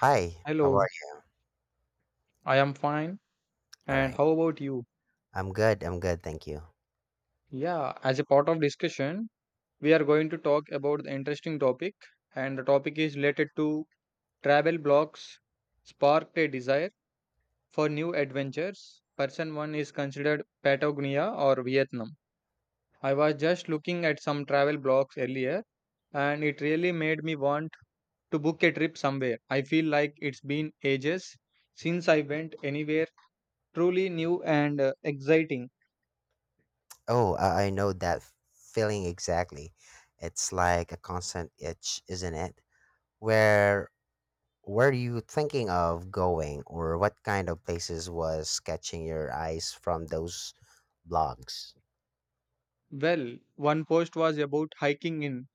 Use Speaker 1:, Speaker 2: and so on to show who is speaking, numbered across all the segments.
Speaker 1: Hi, how
Speaker 2: Hello,
Speaker 1: are you?
Speaker 2: I am fine.
Speaker 1: All
Speaker 2: And
Speaker 1: right.
Speaker 2: how about you?
Speaker 1: I'm good. Thank you.
Speaker 2: Yeah, as a part of discussion, we are going to talk about the interesting topic, and the topic is related to travel blogs sparked a desire for new adventures. Person one is considered Patagonia or Vietnam. I was just looking at some travel blogs earlier, and it really made me want to book a trip somewhere. I feel like it's been ages since I went anywhere truly new and exciting.
Speaker 1: Oh, I know that feeling exactly. It's like a constant itch, isn't it? Where were you thinking of going, or what kind of places was catching your eyes from those blogs?
Speaker 2: Well, one post was about hiking in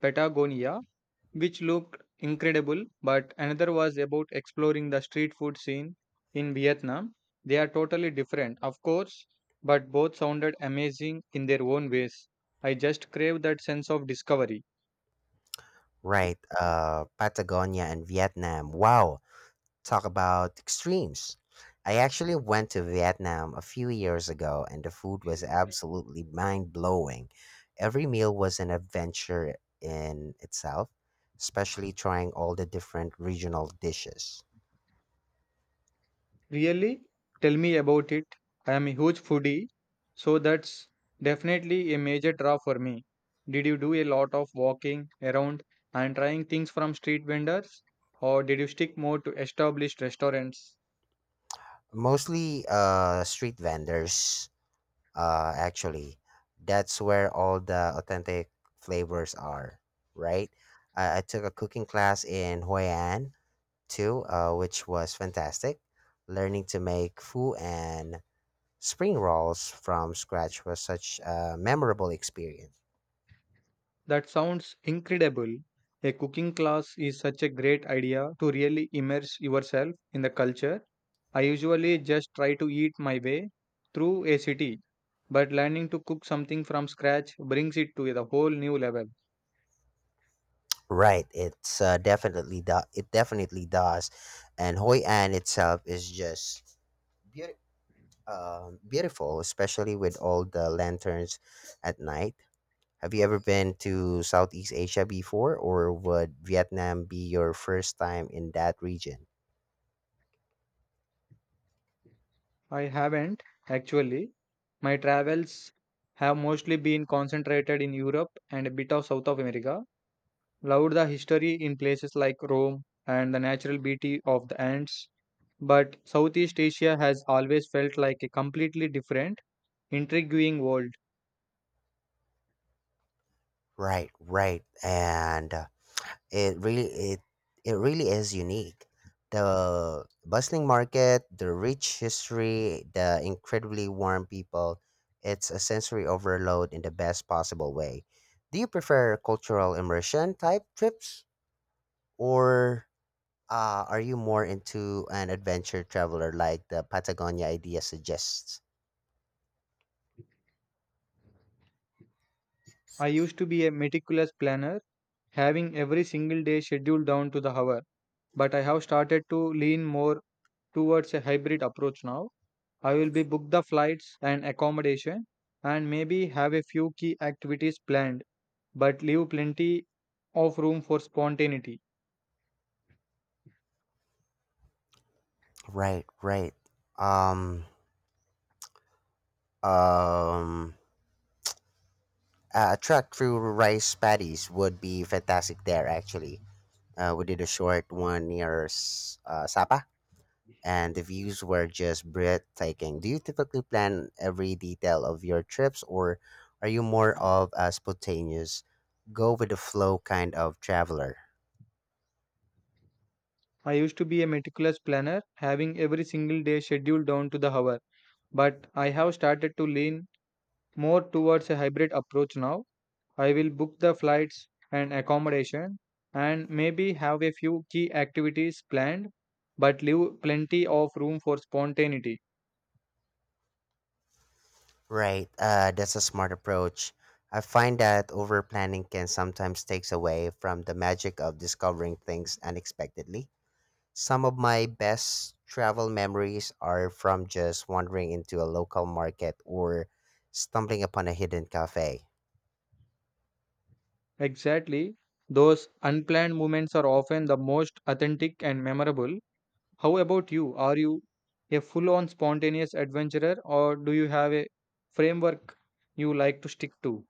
Speaker 2: Patagonia, which looked incredible, but another was about exploring the street food scene in Vietnam. They are totally different, of course, but both sounded amazing in their own ways. I just crave that sense of discovery.
Speaker 1: Right. Patagonia and Vietnam. Wow. Talk about extremes. I actually went to Vietnam a few years ago and the food was absolutely mind blowing. Every meal was an adventure in itself, especially trying all the different regional dishes.
Speaker 2: Really? Tell me about it. I am a huge foodie, so that's definitely a major draw for me. Did you do a lot of walking around and trying things from street vendors, or did you stick more to established restaurants?
Speaker 1: Mostly street vendors, actually. That's where all the authentic flavors are, right? I took a cooking class in Hoi An too, which was fantastic. Learning to make foo and spring rolls from scratch was such a memorable experience.
Speaker 2: That sounds incredible. A cooking class is such a great idea to really immerse yourself in the culture. I usually just try to eat my way through a city, but learning to cook something from scratch brings it to a whole new level.
Speaker 1: Right, it's it definitely does, and Hoi An itself is just beautiful, beautiful, especially with all the lanterns at night. Have you ever been to Southeast Asia before, or would Vietnam be your first time in that region?
Speaker 2: I haven't actually. My travels have mostly been concentrated in Europe and a bit of South of America. Loved the history in places like Rome and the natural beauty of the Andes. But Southeast Asia has always felt like a completely different, intriguing world.
Speaker 1: Right, right, and it really it it really is unique. The bustling market, the rich history, the incredibly warm people. It's a sensory overload in the best possible way. Do you prefer cultural immersion type trips or are you more into an adventure traveler like the Patagonia idea suggests?
Speaker 2: I used to be a meticulous planner, having every single day scheduled down to the hour. But I have started to lean more towards a hybrid approach now I will be book the flights and accommodation and maybe have a few key activities planned, but leave plenty of room for spontaneity.
Speaker 1: Right, right. Um, um, a trek through rice paddies would be fantastic there, actually. We did a short one near Sapa, and the views were just breathtaking. Do you typically plan every detail of your trips, or are you more of a spontaneous, go with the flow kind of traveler?
Speaker 2: I used to be a meticulous planner, having every single day scheduled down to the hour, but I have started to lean more towards a hybrid approach now. I will book the flights and accommodation and maybe have a few key activities planned, but leave plenty of room for spontaneity.
Speaker 1: Right, that's a smart approach. I find that over planning can sometimes takes away from the magic of discovering things unexpectedly. Some of my best travel memories are from just wandering into a local market or stumbling upon a hidden cafe.
Speaker 2: Exactly. Those unplanned moments are often the most authentic and memorable. How about you? Are you a full on spontaneous adventurer or do you have a framework you like to stick to?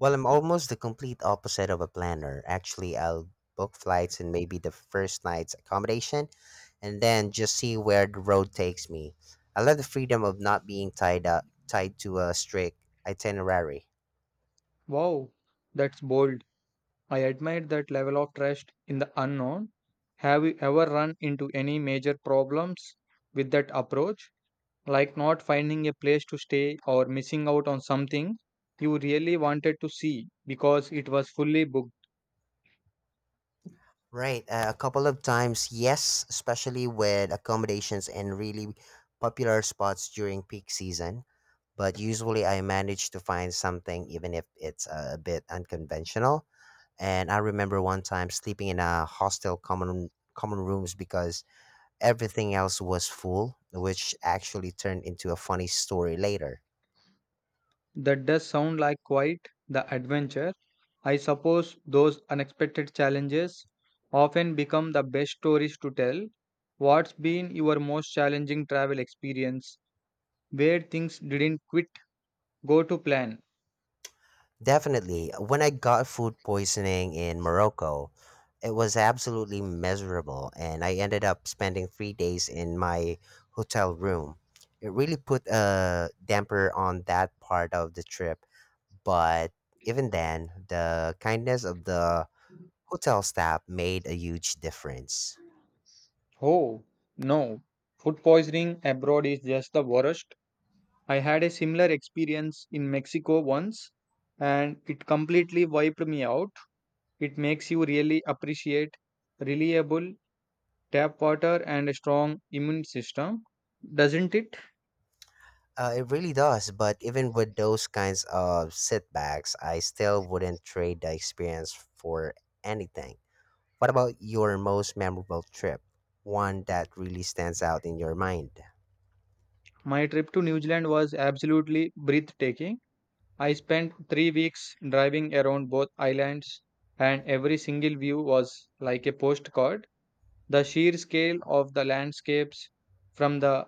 Speaker 1: Well, I'm almost the complete opposite of a planner. Actually, I'll book flights and maybe the first night's accommodation and then just see where the road takes me. I love the freedom of not being tied to a strict itinerary.
Speaker 2: Wow, that's bold. I admire that level of trust in the unknown. Have you ever run into any major problems with that approach? Like not finding a place to stay or missing out on something you really wanted to see because it was fully booked?
Speaker 1: Right, a couple of times, yes, especially with accommodations and really popular spots during peak season. But usually I manage to find something, even if it's a bit unconventional. And I remember one time sleeping in a hostel common rooms because everything else was full, which actually turned into a funny story later.
Speaker 2: That does sound like quite the adventure. I suppose those unexpected challenges often become the best stories to tell. What's been your most challenging travel experience where things didn't quite go to plan?
Speaker 1: Definitely. When I got food poisoning in Morocco, it was absolutely miserable, and I ended up spending 3 days in my hotel room. It really put a damper on that part of the trip, but even then, the kindness of the hotel staff made a huge difference.
Speaker 2: Oh, no. Food poisoning abroad is just the worst. I had a similar experience in Mexico once and it completely wiped me out. It makes you really appreciate reliable tap water and a strong immune system, doesn't it?
Speaker 1: It really does. But even with those kinds of setbacks, I still wouldn't trade the experience for anything. What about your most memorable trip? One that really stands out in your mind?
Speaker 2: My trip to New Zealand was absolutely breathtaking. I spent 3 weeks driving around both islands, and every single view was like a postcard. The sheer scale of the landscapes, from the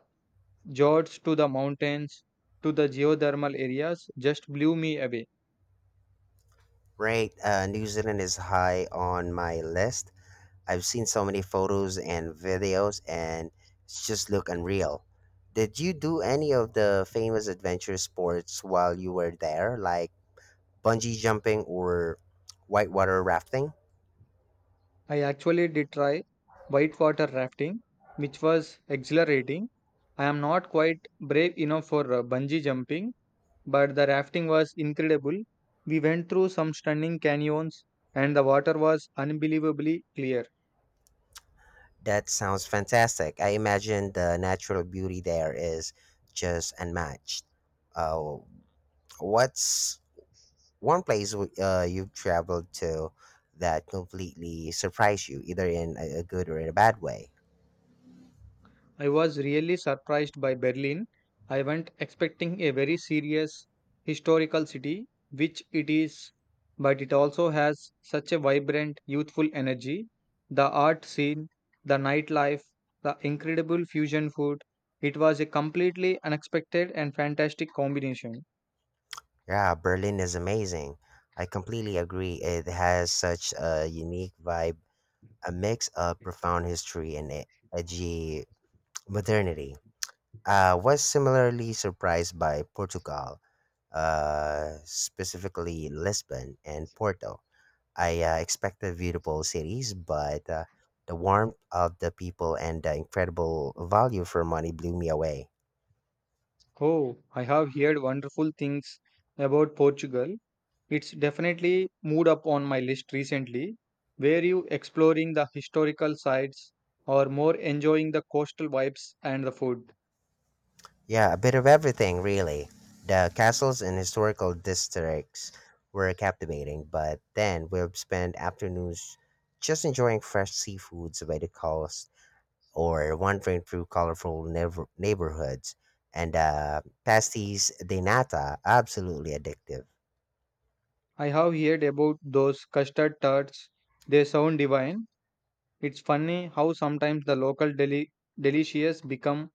Speaker 2: fjords to the mountains to the geothermal areas, just blew me away.
Speaker 1: Right, New Zealand is high on my list. I've seen so many photos and videos, and it's just look unreal. Did you do any of the famous adventure sports while you were there, like bungee jumping or whitewater rafting?
Speaker 2: I actually did try whitewater rafting, which was exhilarating. I am not quite brave enough for bungee jumping, but the rafting was incredible. We went through some stunning canyons, and the water was unbelievably clear.
Speaker 1: That sounds fantastic. I imagine the natural beauty there is just unmatched. Uh, what's one place you've traveled to that completely surprised you, either in a good or in a bad way?
Speaker 2: I was really surprised by Berlin. I went expecting a very serious historical city, which it is, but it also has such a vibrant, youthful energy. The art scene, the nightlife, the incredible fusion food. It was a completely unexpected and fantastic combination.
Speaker 1: Yeah, Berlin is amazing. I completely agree. It has such a unique vibe, a mix of profound history and edgy modernity. I was similarly surprised by Portugal, specifically Lisbon and Porto. I expected beautiful cities, but the warmth of the people and the incredible value for money blew me away.
Speaker 2: Oh, I have heard wonderful things about Portugal. It's definitely moved up on my list recently. Were you exploring the historical sites or more enjoying the coastal vibes and the food?
Speaker 1: Yeah, a bit of everything, really. The castles and historical districts were captivating, but then we'll spend afternoons just enjoying fresh seafoods by the coast or wandering through colorful neighborhoods. And pastis de nata, absolutely addictive.
Speaker 2: I have heard about those custard tarts. They sound divine. It's funny how sometimes the local delicious become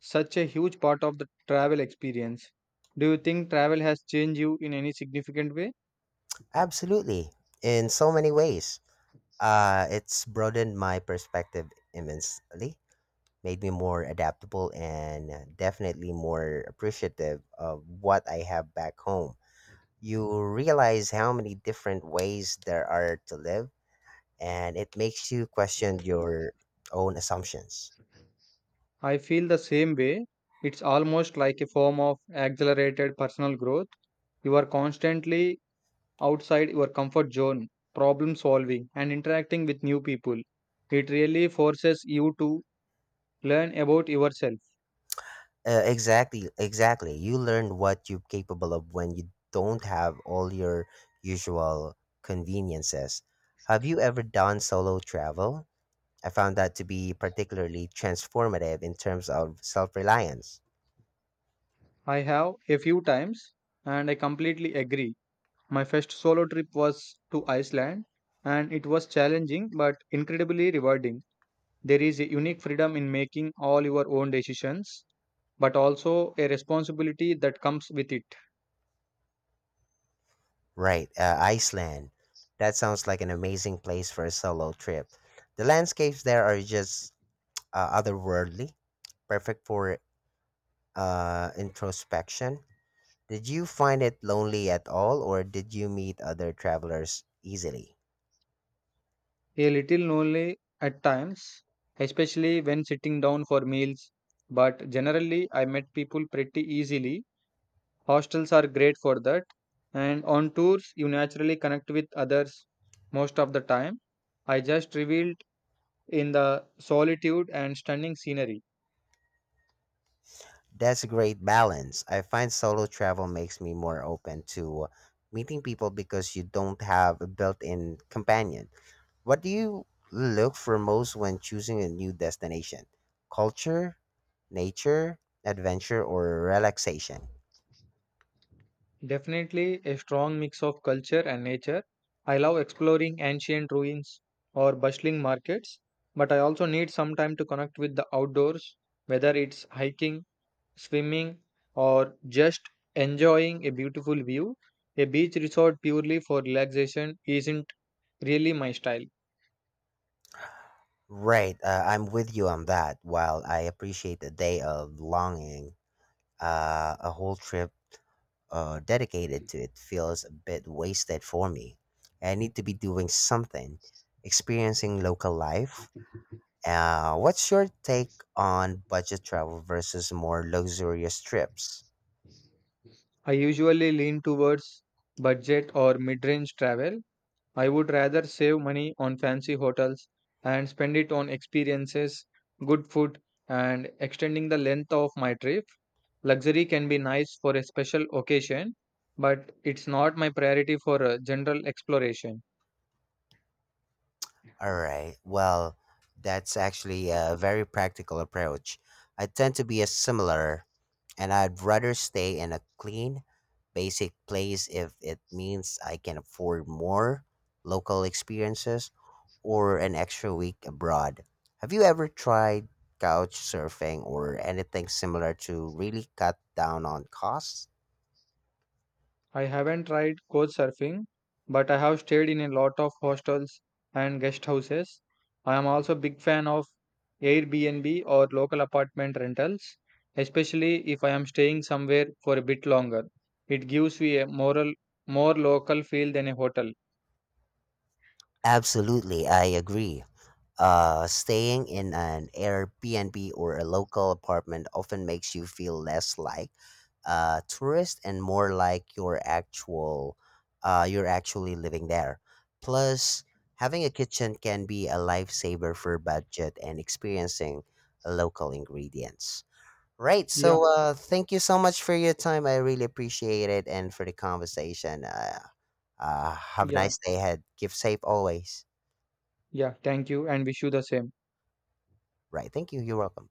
Speaker 2: such a huge part of the travel experience. Do you think travel has changed you in any significant way?
Speaker 1: Absolutely, in so many ways. It's broadened my perspective immensely, made me more adaptable, and definitely more appreciative of what I have back home. You realize how many different ways there are to live, and it makes you question your own assumptions.
Speaker 2: I feel the same way. It's almost like a form of accelerated personal growth you are constantly outside your comfort zone, problem solving, and interacting with new people. It really forces you to learn about yourself.
Speaker 1: Exactly. You learn what you're capable of when you don't have all your usual conveniences. Have you ever done solo travel? I found that to be particularly transformative in terms of self reliance.
Speaker 2: I have a few times, and I completely agree. My first solo trip was to Iceland, and it was challenging but incredibly rewarding. There is a unique freedom in making all your own decisions, but also a responsibility that comes with it.
Speaker 1: Right, Iceland. That sounds like an amazing place for a solo trip. The landscapes there are just otherworldly, perfect for introspection. Did you find it lonely at all, or did you meet other travelers easily?
Speaker 2: A little lonely at times, especially when sitting down for meals, but generally I met people pretty easily. Hostels are great for that, and on tours you naturally connect with others most of the time. I just revealed in the solitude and stunning scenery.
Speaker 1: That's a great balance. I find solo travel makes me more open to meeting people because you don't have a built in companion. What do you look for most when choosing a new destination? Culture, nature, adventure, or relaxation?
Speaker 2: Definitely a strong mix of culture and nature. I love exploring ancient ruins or bustling markets, but I also need some time to connect with the outdoors, whether it's hiking swimming, or just enjoying a beautiful view, a beach resort purely for relaxation isn't really my style.
Speaker 1: Right, I'm with you on that. While I appreciate a day of longing, a whole trip dedicated to it feels a bit wasted for me. I need to be doing something, experiencing local life. What's your take on budget travel versus more luxurious trips?
Speaker 2: I usually lean towards budget or mid range travel. I would rather save money on fancy hotels and spend it on experiences, good food, and extending the length of my trip. Luxury can be nice for a special occasion, but it's not my priority for a general exploration.
Speaker 1: All right, well, that's actually a very practical approach. I tend to be a similar. And I'd rather stay in a clean, basic place if it means I can afford more local experiences or an extra week abroad. Have you ever tried couch surfing or anything similar to really cut down on costs?
Speaker 2: I haven't tried coach surfing, but I have stayed in a lot of hostels and guest houses. I am also a big fan of Airbnb or local apartment rentals, especially if I am staying somewhere for a bit longer. It gives me a moral, more local feel than a hotel.
Speaker 1: Absolutely, I agree. Staying in an Airbnb or a local apartment often makes you feel less like a tourist and more like your actual you're actually living there. Plus, having a kitchen can be a lifesaver for budget and experiencing local ingredients. Right.
Speaker 2: Yeah,
Speaker 1: So, thank you so much for your time. I really appreciate it and for the conversation. Have a
Speaker 2: yeah,
Speaker 1: nice day ahead. Give safe always.
Speaker 2: yeah. Thank you and wish you the same.
Speaker 1: Right. Thank you. You're welcome.